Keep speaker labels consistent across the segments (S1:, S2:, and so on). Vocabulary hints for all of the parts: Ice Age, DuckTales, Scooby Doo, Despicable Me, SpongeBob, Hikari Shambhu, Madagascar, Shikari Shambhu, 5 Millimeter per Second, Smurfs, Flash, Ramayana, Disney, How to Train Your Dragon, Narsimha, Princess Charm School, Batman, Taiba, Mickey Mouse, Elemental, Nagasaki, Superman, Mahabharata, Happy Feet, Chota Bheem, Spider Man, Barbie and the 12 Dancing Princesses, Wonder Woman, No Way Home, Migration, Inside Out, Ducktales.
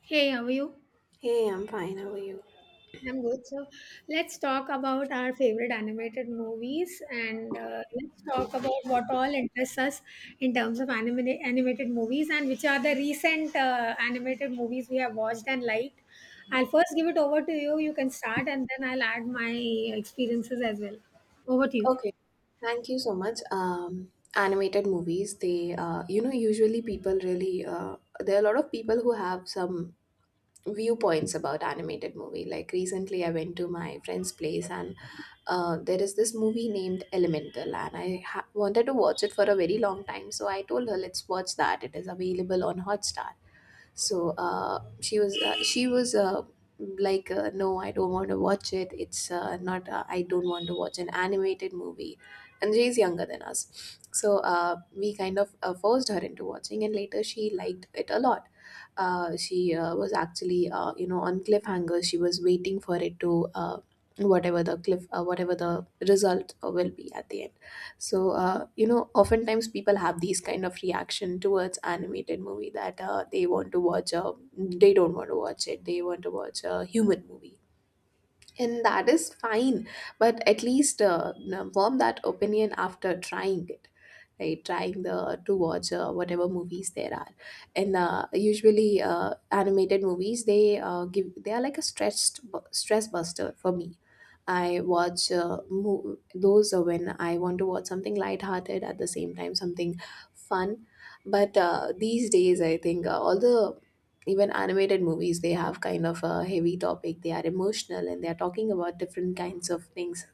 S1: Hey, how are you?
S2: Hey, I'm fine. How are you?
S1: I'm good. So let's talk about our favorite animated movies, and let's talk about what all interests us in terms of animated movies and which are the recent animated movies we have watched and liked. I'll first give it over to you. You can start and then I'll add my experiences as well. Over to you.
S2: Okay. Thank you so much. Animated movies, usually people there are a lot of people who have some viewpoints about animated movie. Like recently, I went to my friend's place and there is this movie named Elemental, and wanted to watch it for a very long time. So I told her, let's watch that. It is available on Hotstar. So she was like no, I don't want to watch it. It's not. I don't want to watch an animated movie. And she's younger than us, so we kind of forced her into watching, and later she liked it a lot. She was actually on cliffhanger. She was waiting for it to, whatever the result will be at the end. So oftentimes people have these kind of reaction towards animated movie that, they don't want to watch it. They want to watch a human movie, and that is fine. But at least form that opinion after trying it, right? Trying the to watch whatever movies there are. And usually animated movies, they are like a stress buster for me. I watch, mo- those when I want to watch something lighthearted, at the same time something fun. But these days, I think all the, even animated movies, they have kind of a heavy topic. They are emotional, and they are talking about different kinds of things.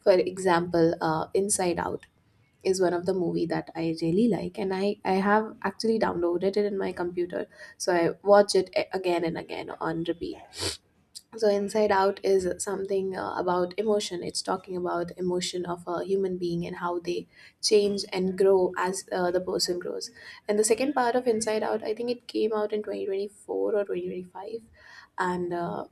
S2: For example, Inside Out is one of the movie that I really like, and I have actually downloaded it in my computer, so I watch it again and again on repeat. So Inside Out is something about emotion. It's talking about emotion of a human being and how they change and grow as the person grows. And the second part of Inside Out, I think it came out in 2024 or 2025. And uh,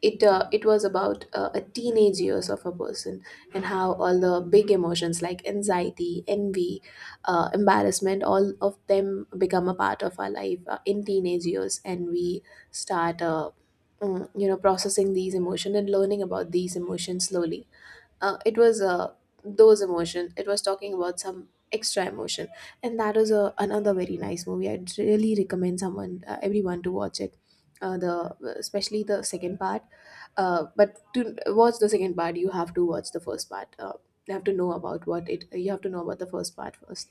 S2: it uh, it was about a teenage years of a person, and how all the big emotions like anxiety, envy, embarrassment, all of them become a part of our life in teenage years, and we start, processing these emotions and learning about these emotions slowly. It was Those emotions, it was talking about some extra emotion. And that was a another very nice movie. I'd really recommend someone everyone to watch it, the especially the second part. But to watch the second part, you have to watch the first part. You have to know about what it. You have to know about the first part first.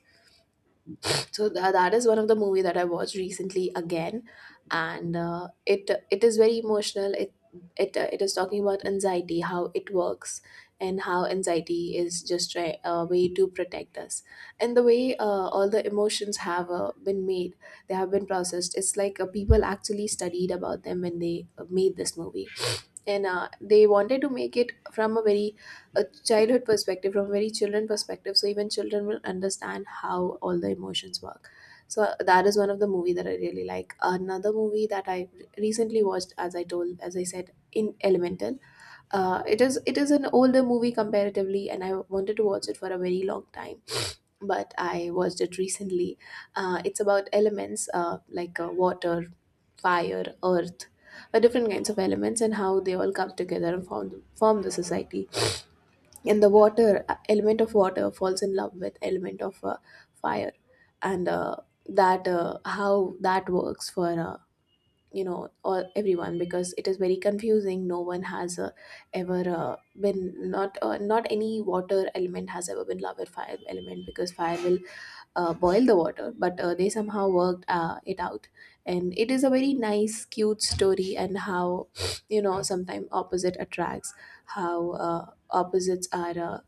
S2: So that is one of the movie that I watched recently again, and it is very emotional. It it is talking about anxiety, how it works, and how anxiety is just a way to protect us. And the way all the emotions have been made, they have been processed. It's like people actually studied about them when they made this movie. And they wanted to make it from a very, a childhood perspective, from a very children perspective, so even children will understand how all the emotions work. So that is one of the movie that I really like. Another movie that I recently watched, as I said in elemental. It is an older movie comparatively, and I wanted to watch it for a very long time, but I watched it recently. It's about elements like water, fire, earth, different kinds of elements, and how they all come together and form, form the society. And the water, element of water falls in love with element of fire. And that how that works for. You know, all, everyone, because it is very confusing. No one has ever been not not any water element has ever been loved with fire element, because fire will boil the water. But they somehow worked it out. And it is a very nice, cute story. And how, you know, sometimes opposite attracts, how opposites are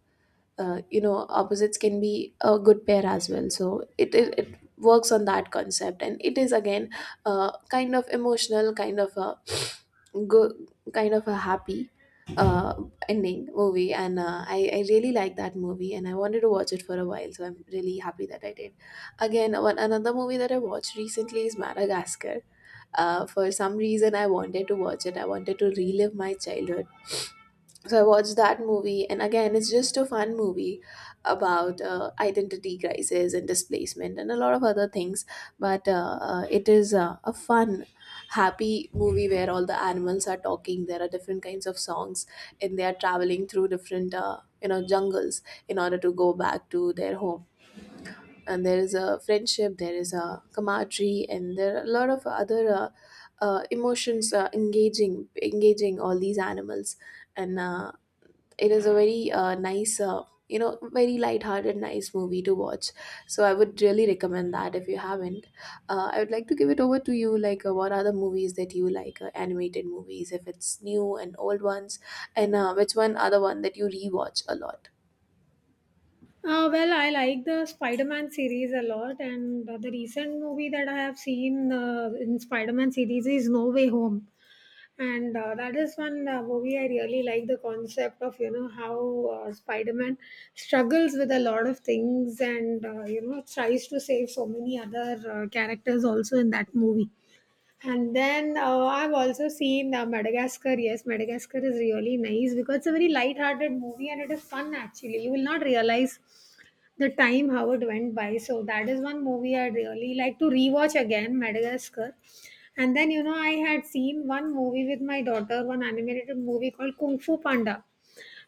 S2: you know opposites can be a good pair as well. So it works on that concept, and it is again kind of emotional, kind of a good, kind of a happy uh ending movie. And I really like that movie, and I wanted to watch it for a while, so I'm really happy that I did. Again, one another movie that I watched recently is Madagascar. Uh, for some reason I wanted to watch it. I wanted to relive my childhood, so I watched that movie. And again, it's just a fun movie about identity crisis and displacement and a lot of other things. But it is a fun, happy movie where all the animals are talking. There are different kinds of songs, and they are traveling through different, jungles in order to go back to their home. And there is a friendship, there is a camaraderie, and there are a lot of other emotions engaging all these animals. And it is a very nice, very light-hearted, nice movie to watch. So I would really recommend that if you haven't. I would like to give it over to you. Like, what are the movies that you like, animated movies, if it's new and old ones, and which one are the one that you rewatch a lot?
S1: Well, I like the Spider Man series a lot, and the recent movie that I have seen in Spider Man series is No Way Home. And that is one movie. I really like the concept of, you know, how Spider-Man struggles with a lot of things and, you know, tries to save so many other characters also in that movie. And then I've also seen Madagascar. Yes, Madagascar is really nice because it's a very light-hearted movie and it is fun. Actually, you will not realize the time, how it went by. So that is one movie I really like to rewatch again, Madagascar. And then, you know, I had seen one movie with my daughter, one animated movie called Kung Fu Panda.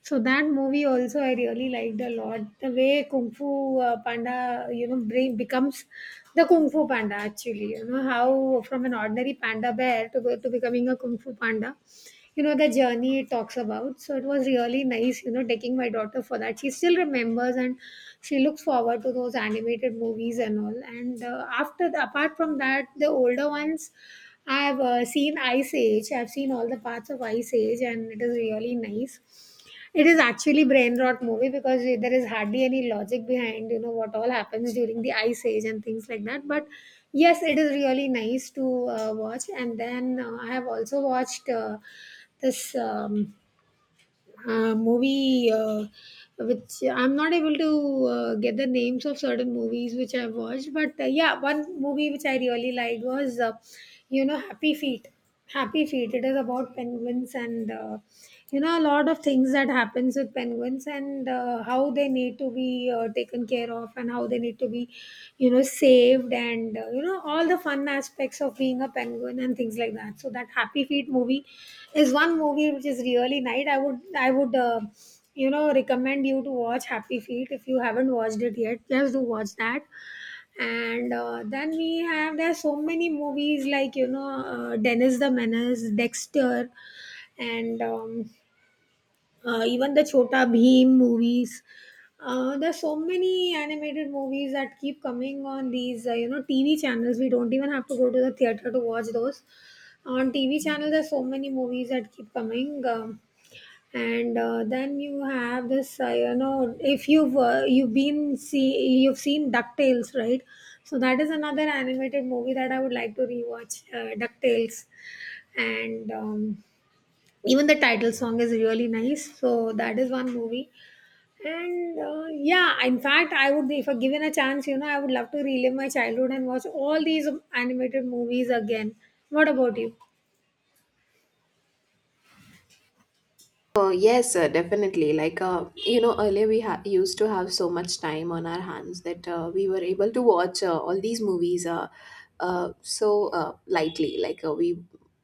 S1: So that movie also I really liked a lot. The way Kung Fu Panda, you know, becomes the Kung Fu Panda actually. You know, how from an ordinary panda bear to becoming a Kung Fu Panda. You know, the journey it talks about. So it was really nice, you know, taking my daughter for that. She still remembers and she looks forward to those animated movies and all. And after apart from that, the older ones. I've seen Ice Age. I've seen all the parts of Ice Age, and it is really nice. It is actually brain rot movie because there is hardly any logic behind, you know, what all happens during the ice age and things like that. But yes, it is really nice to watch. And then I have also watched this. Movie, which I'm not able to get the names of certain movies which I've watched, but yeah, one movie which I really liked was, you know, Happy Feet. Happy Feet. It is about penguins and, you know, a lot of things that happens with penguins and how they need to be taken care of and how they need to be, you know, saved, and, you know, all the fun aspects of being a penguin and things like that. So that Happy Feet movie is one movie which is really nice. I would I would, you know, recommend you to watch Happy Feet. If you haven't watched it yet, just do watch that. And then we have, there are so many movies like, you know, Dennis the Menace, Dexter, and even the Chota Bheem movies. There's so many animated movies that keep coming on these, you know, TV channels. We don't even have to go to the theater to watch those. On TV channel, there's so many movies that keep coming, and then you have this, you know, if you've seen Ducktales, right? So that is another animated movie that I would like to rewatch, Ducktales, and even the title song is really nice. So that is one movie. And yeah, in fact, I would, if I given a chance, you know, I would love to relive my childhood and watch all these animated movies again. What about you?
S2: Yes, definitely. Like, earlier we used to have so much time on our hands that we were able to watch all these movies. Lightly, like, we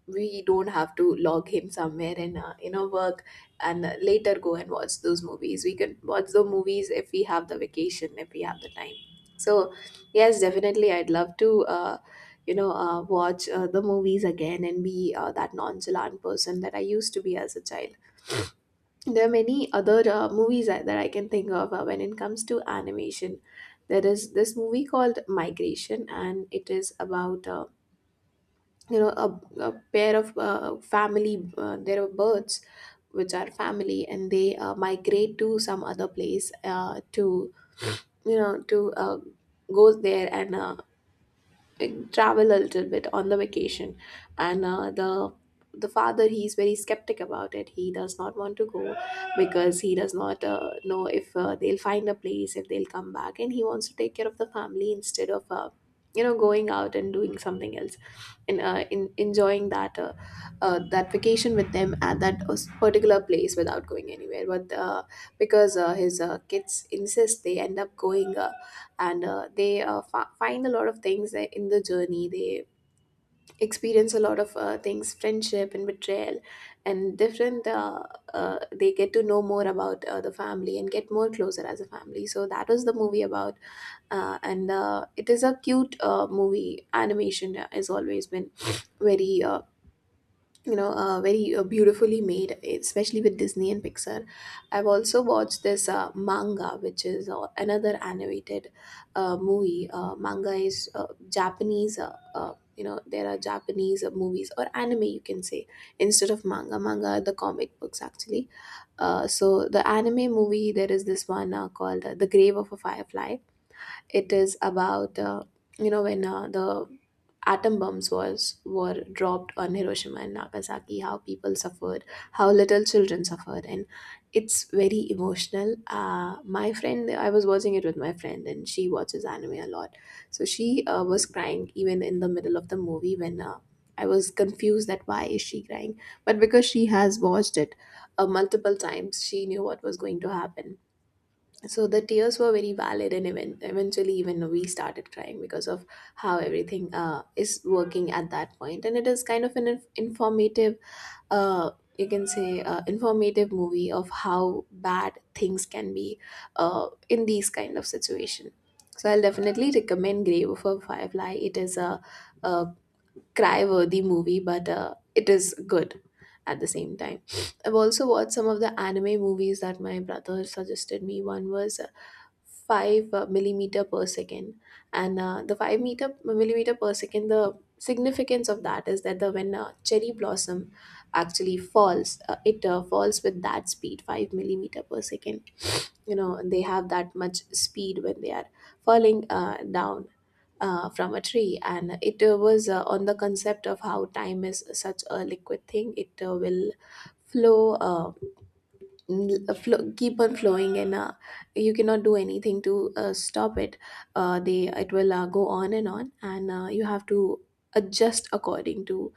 S2: we don't have to log him somewhere and work, and later go and watch those movies. We can watch the movies if we have the vacation, if we have the time. So yes, definitely, I'd love to watch, the movies again, and be that nonchalant person that I used to be as a child. There are many other movies that I can think of when it comes to animation. There is this movie called Migration, and it is about, you know a, a pair of family. There are birds which are family, and they migrate to some other place to you know to go there and travel a little bit on the vacation. And the father, he's very skeptic about it. He does not want to go, because he does not know if they'll find a place, if they'll come back, and he wants to take care of the family instead of going out and doing something else. In enjoying that, that vacation with them at that particular place without going anywhere. But because his kids insist, they end up going, and they find a lot of things that in the journey. They experience a lot of things, friendship and betrayal and different, they get to know more about the family and get more closer as a family. So that was the movie about. And it is a cute movie. Animation has always been very, very beautifully made, especially with Disney and Pixar. I've also watched this manga, which is another animated movie. Manga is Japanese. There are Japanese movies, or anime, you can say, instead of manga. Manga are the comic books actually. So the anime movie, there is this one called, The Grave of a Firefly. It is about, when the atom bombs was, were dropped on Hiroshima and Nagasaki, how people suffered, how little children suffered. And it's very emotional. My friend, I was watching it with my friend, and she watches anime a lot, so she was crying even in the middle of the movie when. I was confused that why is she crying, but because she has watched it multiple times, she knew what was going to happen. So the tears were very valid, and eventually even we started crying because of how everything is working at that point. And it is kind of an informative, uh, you can say, informative movie of how bad things can be, in these kind of situation. So I'll definitely recommend Grave of a Firefly. It is a cry worthy movie, but it is good at the same time. I've also watched some of the anime movies that my brother suggested me. One was 5 millimeter per second. And the 5-meter millimeter per second, the significance of that is that the when a cherry blossom actually falls, it falls with that speed, 5 millimeter per second. You know, they have that much speed when they are falling, down, from a tree. And it was, on the concept of how time is such a liquid thing. It will flow, uh, keep on flowing, and you cannot do anything to stop it. Uh, they it will go on and on, and you have to adjust according to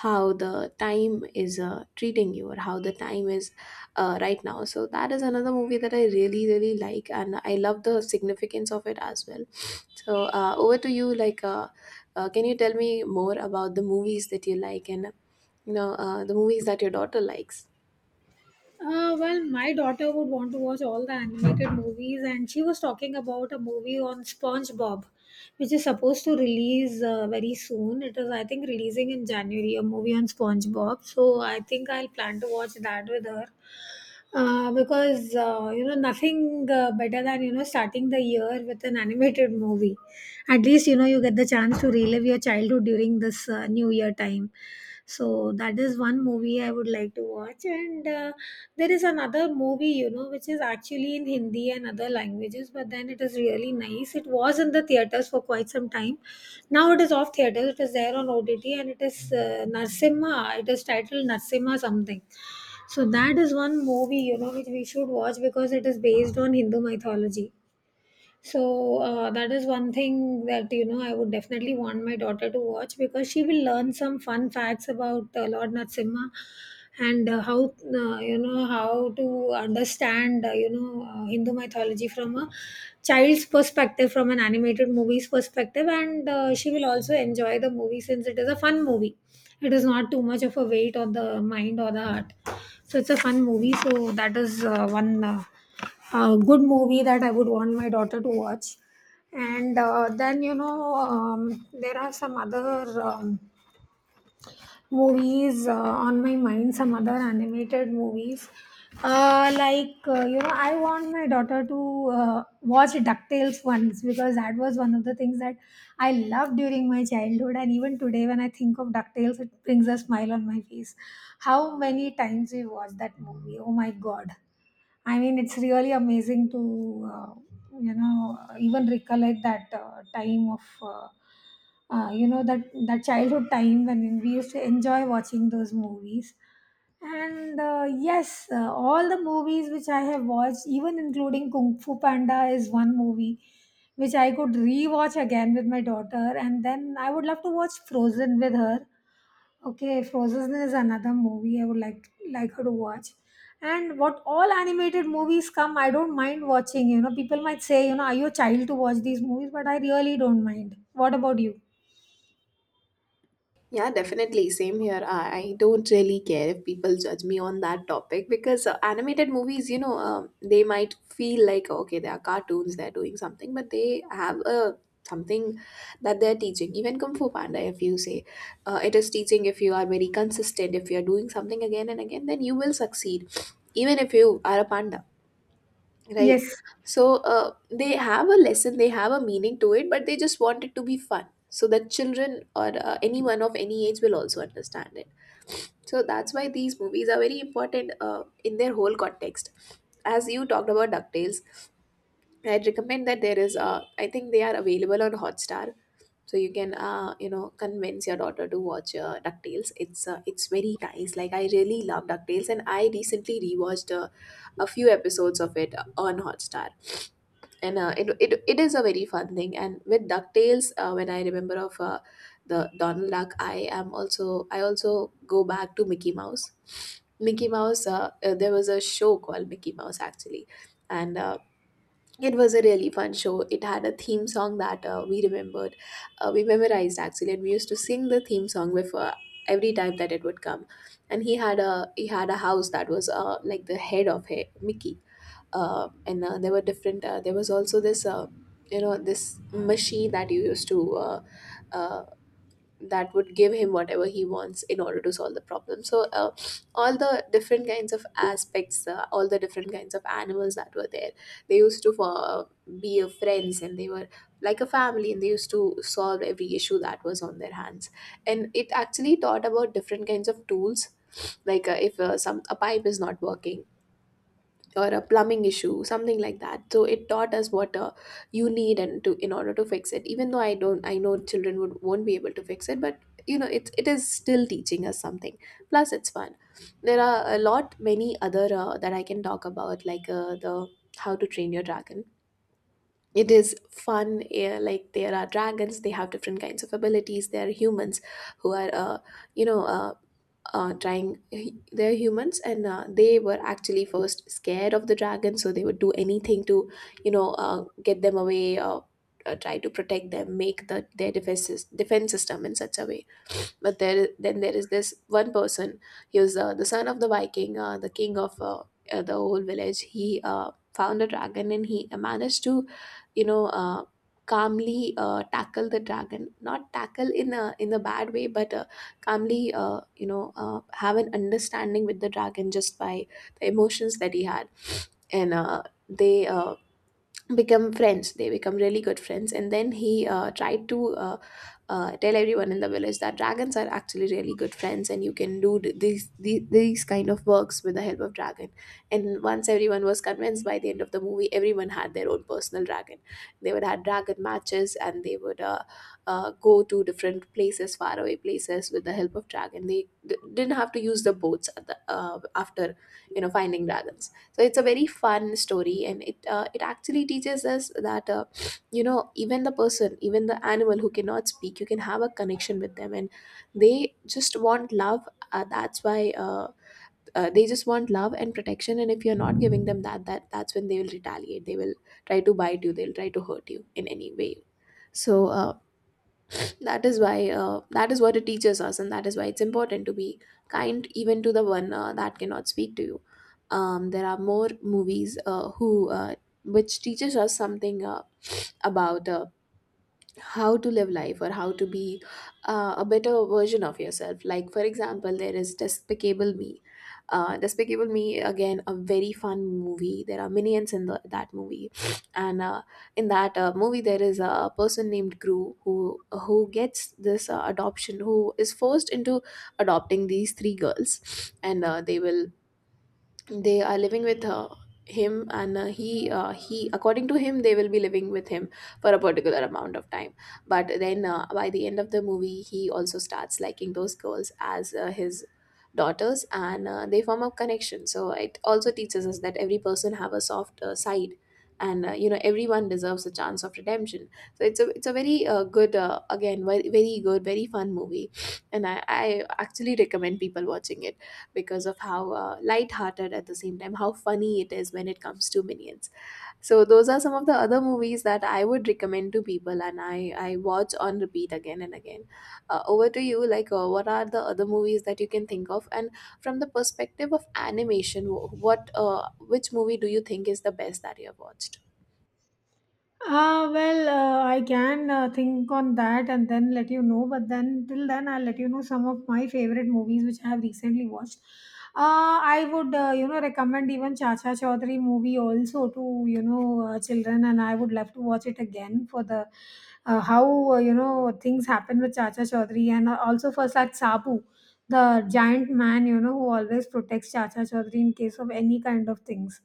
S2: how the time is treating you, or how the time is, right now. So that is another movie that I really like, and I love the significance of it as well. So over to you. Like, can you tell me more about the movies that you like, and the movies that your daughter likes?
S1: Well, my daughter would want to watch all the animated movies, and she was talking about a movie on SpongeBob, which is supposed to release very soon. It is, I think, releasing in January, a movie on SpongeBob. So I think I'll plan to watch that with her. Because, you know, nothing better than, you know, starting the year with an animated movie. At least, you know, you get the chance to relive your childhood during this New Year time. So that is one movie I would like to watch. And there is another movie, you know, which is actually in Hindi and other languages, but then it is really nice. It was in the theaters for quite some time. Now it is off theaters. It is there on OTT and it is Narsimha. It is titled Narsimha something. So that is one movie, you know, which we should watch because it is based on Hindu mythology. So that is one thing that, you know, I would definitely want my daughter to watch, because she will learn some fun facts about Lord Narasimha and how, you know, how to understand, you know, Hindu mythology from a child's perspective, from an animated movie's perspective, and she will also enjoy the movie, since it is a fun movie. It is not too much of a weight on the mind or the heart, so it's a fun movie. So that is one. A good movie that I would want my daughter to watch. And then, you know, there are some other, movies on my mind, some other animated movies. Like, you know, I want my daughter to watch DuckTales once, because that was one of the things that I loved during my childhood. And even today, when I think of DuckTales, it brings a smile on my face. How many times we watched that movie? Oh my God. I mean, it's really amazing to, you know, even recollect that time of, you know, that childhood time when we used to enjoy watching those movies. And yes, all the movies which I have watched, even including Kung Fu Panda, is one movie which I could rewatch again with my daughter. And then I would love to watch Frozen with her. Okay, Frozen is another movie I would like her to watch. And what all animated movies come, I don't mind watching. You know, people might say, you know, are you a child to watch these movies? But I really don't mind. What about you?
S2: Yeah, definitely. Same here. I don't really care if people judge me on that topic, because animated movies, you know, they might feel like, okay, they are cartoons, they're doing something, but they have a something that they're teaching. Even Kung Fu Panda, if you say, it is teaching. If you are very consistent, if you are doing something again and again, then you will succeed, even if you are a panda. Right.
S1: Yes.
S2: So they have a lesson, they have a meaning to it, but they just want it to be fun so that children, or anyone of any age, will also understand it. So that's why these movies are very important in their whole context. As you talked about DuckTales, I'd recommend that there is, I think they are available on Hotstar, so you can, convince your daughter to watch DuckTales. It's it's very nice. Like, I really love DuckTales, and I recently rewatched a few episodes of it on Hotstar. And it is a very fun thing. And with DuckTales, when I remember of, the Donald Duck, I also go back to Mickey Mouse. Mickey Mouse, there was a show called Mickey Mouse, actually. And it was a really fun show. It had a theme song that, we remembered, we memorized actually, and we used to sing the theme song before every time that it would come. And he had a house that was like the head of Mickey, and there were different. There was also this, this machine that you used to, uh, that would give him whatever he wants in order to solve the problem. So, all the different kinds of aspects, all the different kinds of animals that were there, they used to be friends, and they were like a family, and they used to solve every issue that was on their hands. And it actually taught about different kinds of tools. Like, if some a pipe is not working, or a plumbing issue, something like that. So it taught us what you need, and to in order to fix it. Even though I know children would won't be able to fix it, but you know, it is still teaching us something, plus it's fun. There are a lot many other, that I can talk about, like the How to Train Your Dragon. It is fun, eh, like there are dragons, they have different kinds of abilities. There are humans who are, you know trying they're humans, and they were actually first scared of the dragon, so they would do anything to, get them away, or try to protect them, make their defense, defense system in such a way. But then there is this one person. He was the son of the Viking, the king of, the whole village. He found a dragon, and he managed to, you know, calmly tackle the dragon. Not tackle in a bad way, but calmly, you know, have an understanding with the dragon just by the emotions that he had. And they become friends. They become really good friends. And then he tried to, tell everyone in the village that dragons are actually really good friends, and you can do these kind of works with the help of dragon. And once everyone was convinced, by the end of the movie everyone had their own personal dragon. They would have dragon matches, and they would, go to different places, faraway places, with the help of dragon. They didn't have to use the boats at the, after, you know, finding dragons. So it's a very fun story, and it it actually teaches us that, you know, even the person, even the animal who cannot speak, you can have a connection with them, and they just want love. That's why They just want love and protection, and if you're not giving them that, that's when they will retaliate. They will try to bite you, they'll try to hurt you in any way. So that is why, that is what it teaches us, and that is why it's important to be kind even to the one that cannot speak to you. Um, there are more movies, who which teaches us something, about, how to live life, or how to be a better version of yourself. Like, for example, there is Despicable Me. Despicable Me, again, a very fun movie. There are minions in that movie. And in that movie there is a person named Gru, who gets this adoption, who is forced into adopting these three girls. And they are living with, him. And he, according to him, they will be living with him for a particular amount of time. But then, by the end of the movie, he also starts liking those girls as his daughters. And they form a connection. So it also teaches us that every person have a soft, side, and you know, everyone deserves a chance of redemption. So it's a very good, again, very, very good, very fun movie. And I actually recommend people watching it, because of how light-hearted, at the same time how funny it is when it comes to minions. So those are some of the other movies that I would recommend to people, and I watch on repeat again and again. Over to you. Like, what are the other movies that you can think of, and from the perspective of animation, wh- what which movie do you think is the best that you have watched?
S1: Well, I can think on that and then let you know. But then, till then, I'll let you know some of my favorite movies which I have recently watched. I would, you know, recommend even Chacha Chaudhary movie also to, you know, children, and I would love to watch it again for the, how, you know, things happen with Chacha Chaudhary, and also for Sat Sabu the giant man, you know, who always protects Chacha Chaudhary in case of any kind of things.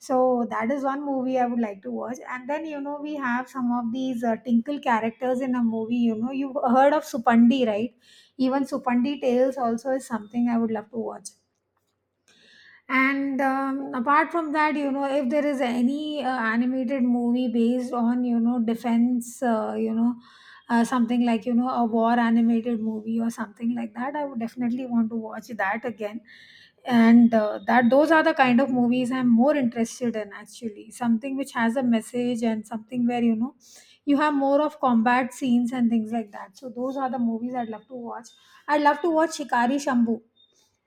S1: So that is one movie I would like to watch. And then, you know, we have some of these Tinkle characters in a movie. You know, you've heard of Supandi, right? Even Supandi Tales also is something I would love to watch. And apart from that, you know, if there is any animated movie based on, you know, defense, you know, something like, you know, a war animated movie or something like that, I would definitely want to watch that again. And that those are the kind of movies I'm more interested in, actually. Something which has a message and something where, you know, you have more of combat scenes and things like that. So those are the movies I'd love to watch. I'd love to watch Shikari Shambhu,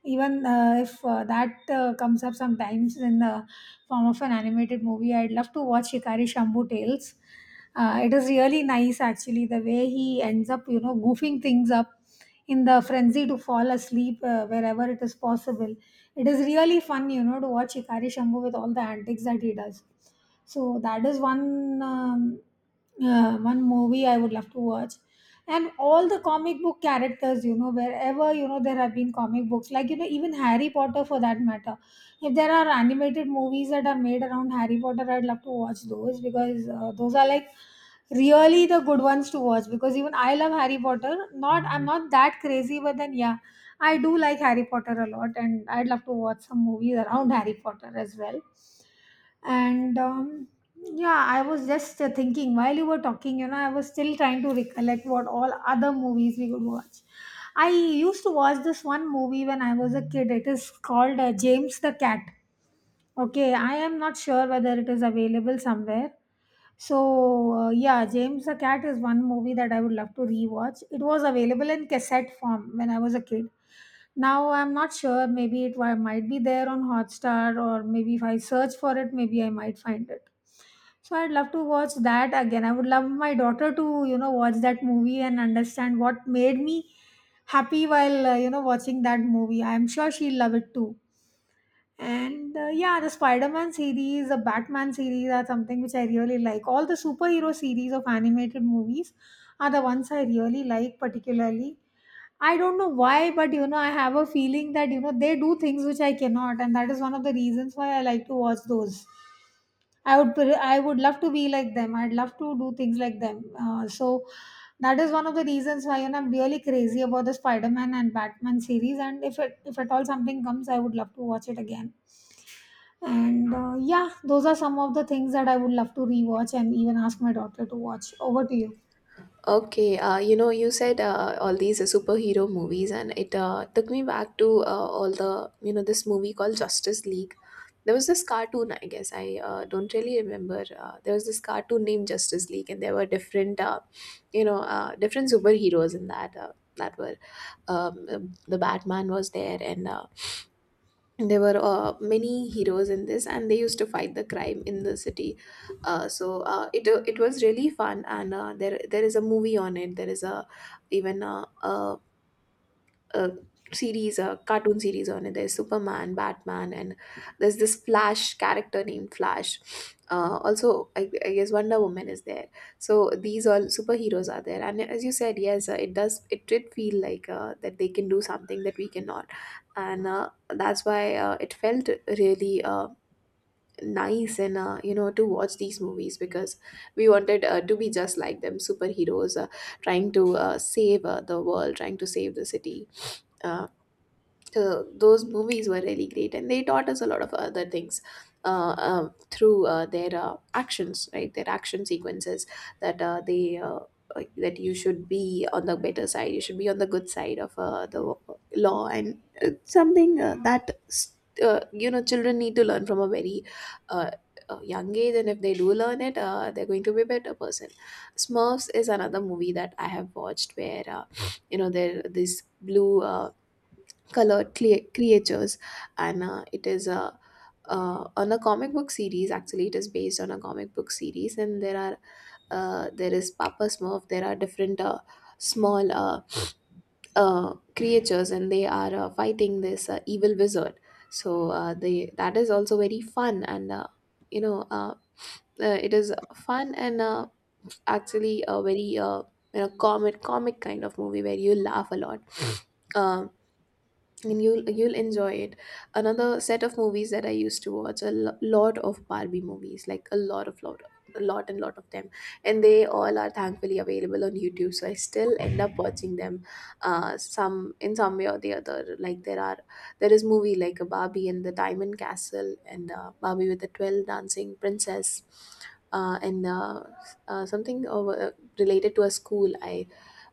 S1: even if that comes up sometimes in the form of an animated movie. I'd love to watch Hikari Shambhu Tales. It is really nice, actually, the way he ends up, you know, goofing things up in the frenzy to fall asleep wherever it is possible. It is really fun, you know, to watch Hikari Shambhu with all the antics that he does. So that is one one movie I would love to watch, and all the comic book characters, you know, wherever, you know, there have been comic books, like, you know, even Harry Potter for that matter. If there are animated movies that are made around Harry Potter, I'd love to watch those because those are like really the good ones to watch. Because even I love Harry Potter, not I'm not that crazy, but then yeah, I do like Harry Potter a lot, and I'd love to watch some movies around Harry Potter as well. And Yeah, I was just thinking while you were talking, you know, I was still trying to recollect what all other movies we would watch. I used to watch this one movie when I was a kid, it is called James the Cat. Okay, I am not sure whether it is available somewhere. So yeah, James the Cat is one movie that I would love to rewatch. It was available in cassette form when I was a kid. Now I'm not sure, maybe it might be there on Hotstar, or maybe if I search for it, maybe I might find it. So I'd love to watch that again. I would love my daughter to, you know, watch that movie and understand what made me happy while, you know, watching that movie. I'm sure she'll love it too. And yeah, the Spider Man series, the Batman series are something which I really like. All the superhero series of animated movies are the ones I really like, particularly. I don't know why, but you know, I have a feeling that, you know, they do things which I cannot. And that is one of the reasons why I like to watch those. I would love to be like them. I'd love to do things like them. So that is one of the reasons why, you know, I'm really crazy about the Spider-Man and Batman series. And if at all something comes, I would love to watch it again. And yeah, those are some of the things that I would love to rewatch and even ask my daughter to watch. Over to you.
S2: Okay, you know, you said, all these superhero movies, and it took me back to, all the, you know, this movie called Justice League. There was this cartoon, I guess. I don't really remember. There was this cartoon named Justice League, and there were different, you know, different superheroes in that. That were, the Batman was there, and there were many heroes in this, and they used to fight the crime in the city. So it was really fun. And there is a movie on it. There is a uh, series, a cartoon series on it. There's Superman, Batman, and there's this Flash character named Flash. Also, I guess Wonder Woman is there. So these all superheroes are there. And as you said, yes, it does. It did feel like that they can do something that we cannot, and that's why it felt really. Nice, and you know, to watch these movies because we wanted to be just like them superheroes, trying to save the world, trying to save the city. uh, so those movies were really great and they taught us a lot of other things through their actions, right, their action sequences, that uh, they uh, that you should be on the better side, you should be on the good side of the law, and something that you know children need to learn from a very uh, young age, and if they do learn it, they're going to be a better person. Smurfs is another movie that I have watched, where you know there, this blue, colored creatures. And it is a on a comic book series, actually it is based on a comic book series, and there are there is Papa Smurf, there are different small creatures, and they are fighting this evil wizard. So they that is also very fun. And uh, you know uh, uh, it is fun, and actually a very comic kind of movie where you laugh a lot. um, and you'll enjoy it. Another set of movies that I used to watch, a lot of Barbie movies, like a lot of lot, a lot and lot of them, and they all are thankfully available on YouTube, so I still end up watching them some, in some way or the other. Like there are, there is movie like a Barbie and the Diamond Castle, and Barbie with the 12 Dancing Princess, and something over, related to a school, I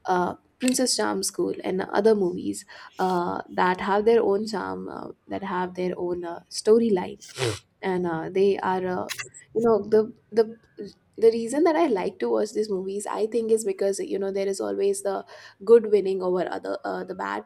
S2: Princess Charm School, and other movies that have their own charm, that have their own storyline, and they are, the the reason that I like to watch these movies, I think, is because you know there is always the good winning over other, the bad.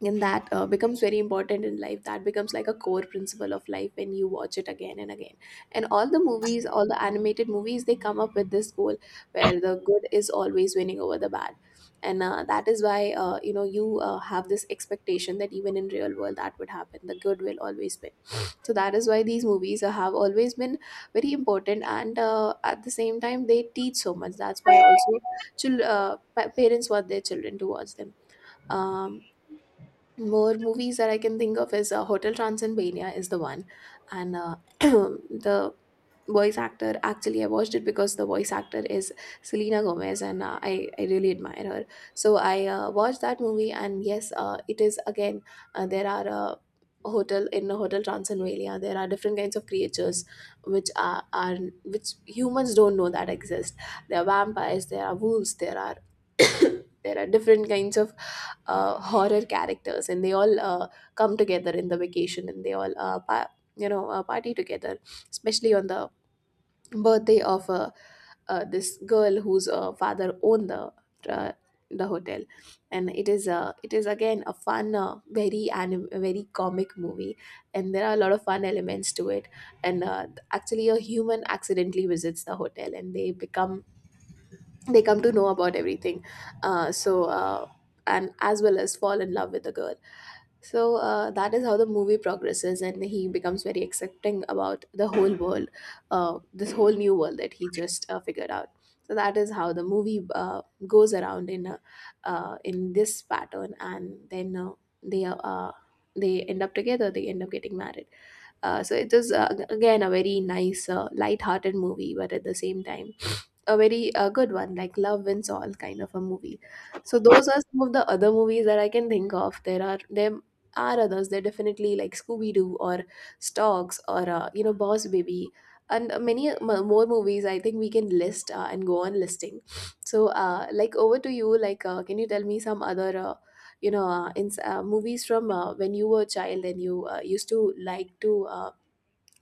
S2: And that becomes very important in life, that becomes like a core principle of life when you watch it again and again. And all the movies, all the animated movies, they come up with this goal, where the good is always winning over the bad. And that is why, you know, you have this expectation that even in real world that would happen, the good will always win. So that is why these movies have always been very important, and at the same time they teach so much. That's why also parents want their children to watch them. um, More movies that I can think of is, Hotel Transylvania is the one. And the voice actor, actually I watched it because the voice actor is Selena Gomez, and I really admire her. So I watched that movie, and yes, it is again, there are. Hotel, in Hotel Transylvania there are different kinds of creatures which are, which humans don't know that exist. There are vampires, there are wolves, there are there are different kinds of horror characters, and they all come together in the vacation, and they all party together, especially on the birthday of this girl whose father owned uh, the hotel. And it is again a fun, very very comic movie, and there are a lot of fun elements to it. And actually a human accidentally visits the hotel, and they become, they come to know about everything. uh, so uh, and as well as fall in love with the girl. So that is how the movie progresses, and he becomes very accepting about the whole world, this whole new world that he just figured out. So that is how the movie goes around in a, in this pattern. And then they uh, uh, they end up together, they end up getting married. So it is, again a very nice, light-hearted movie, but at the same time a very good one, like Love Wins All kind of a movie. So those are some of the other movies that I can think of. There are others. They're definitely, like Scooby Doo or Stalks, or you know Boss Baby, and more movies. I think we can list and go on listing. So like, over to you. Like can you tell me some other, movies from when you were a child, and you used to like to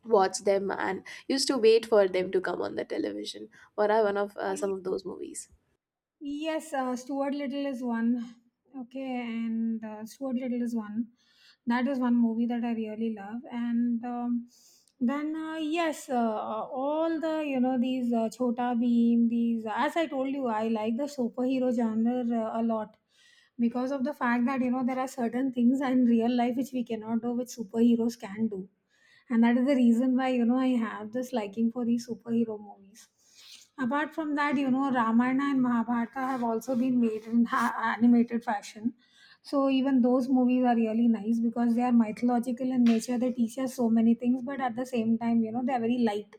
S2: watch them, and used to wait for them to come on the television, or one of some of those movies.
S1: Yes, Stuart Little is one. Okay, and Stuart Little is one. That is one movie that I really love. All the, you know, these Chota Bheem, these, as I told you, I like the superhero genre a lot, because of the fact that you know there are certain things in real life which we cannot do, which superheroes can do, and that is the reason why, you know, I have this liking for these superhero movies. Apart from that, you know, Ramayana and Mahabharata have also been made in animated fashion. So even those movies are really nice because they are mythological in nature. They teach us so many things, but at the same time, you know, they are very light.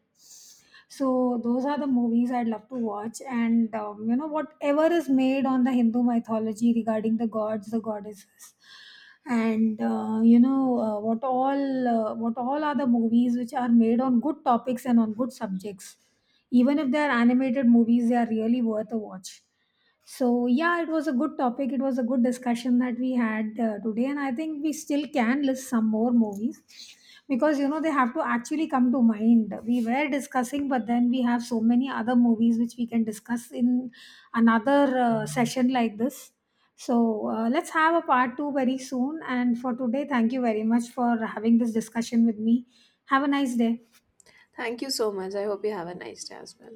S1: So those are the movies I'd love to watch. And You know, whatever is made on the Hindu mythology regarding the gods, the goddesses, and you know, what all are the movies which are made on good topics and on good subjects. Even if they are animated movies, they are really worth a watch. So yeah, it was a good topic. It was a good discussion that we had today, and I think we still can list some more movies because, you know, they have to actually come to mind. We were discussing, but then we have so many other movies which we can discuss in another session like this. So let's have a part 2 very soon, and for today, thank you very much for having this discussion with me. Have a nice day.
S2: Thank you so much, I hope you have a nice day as well.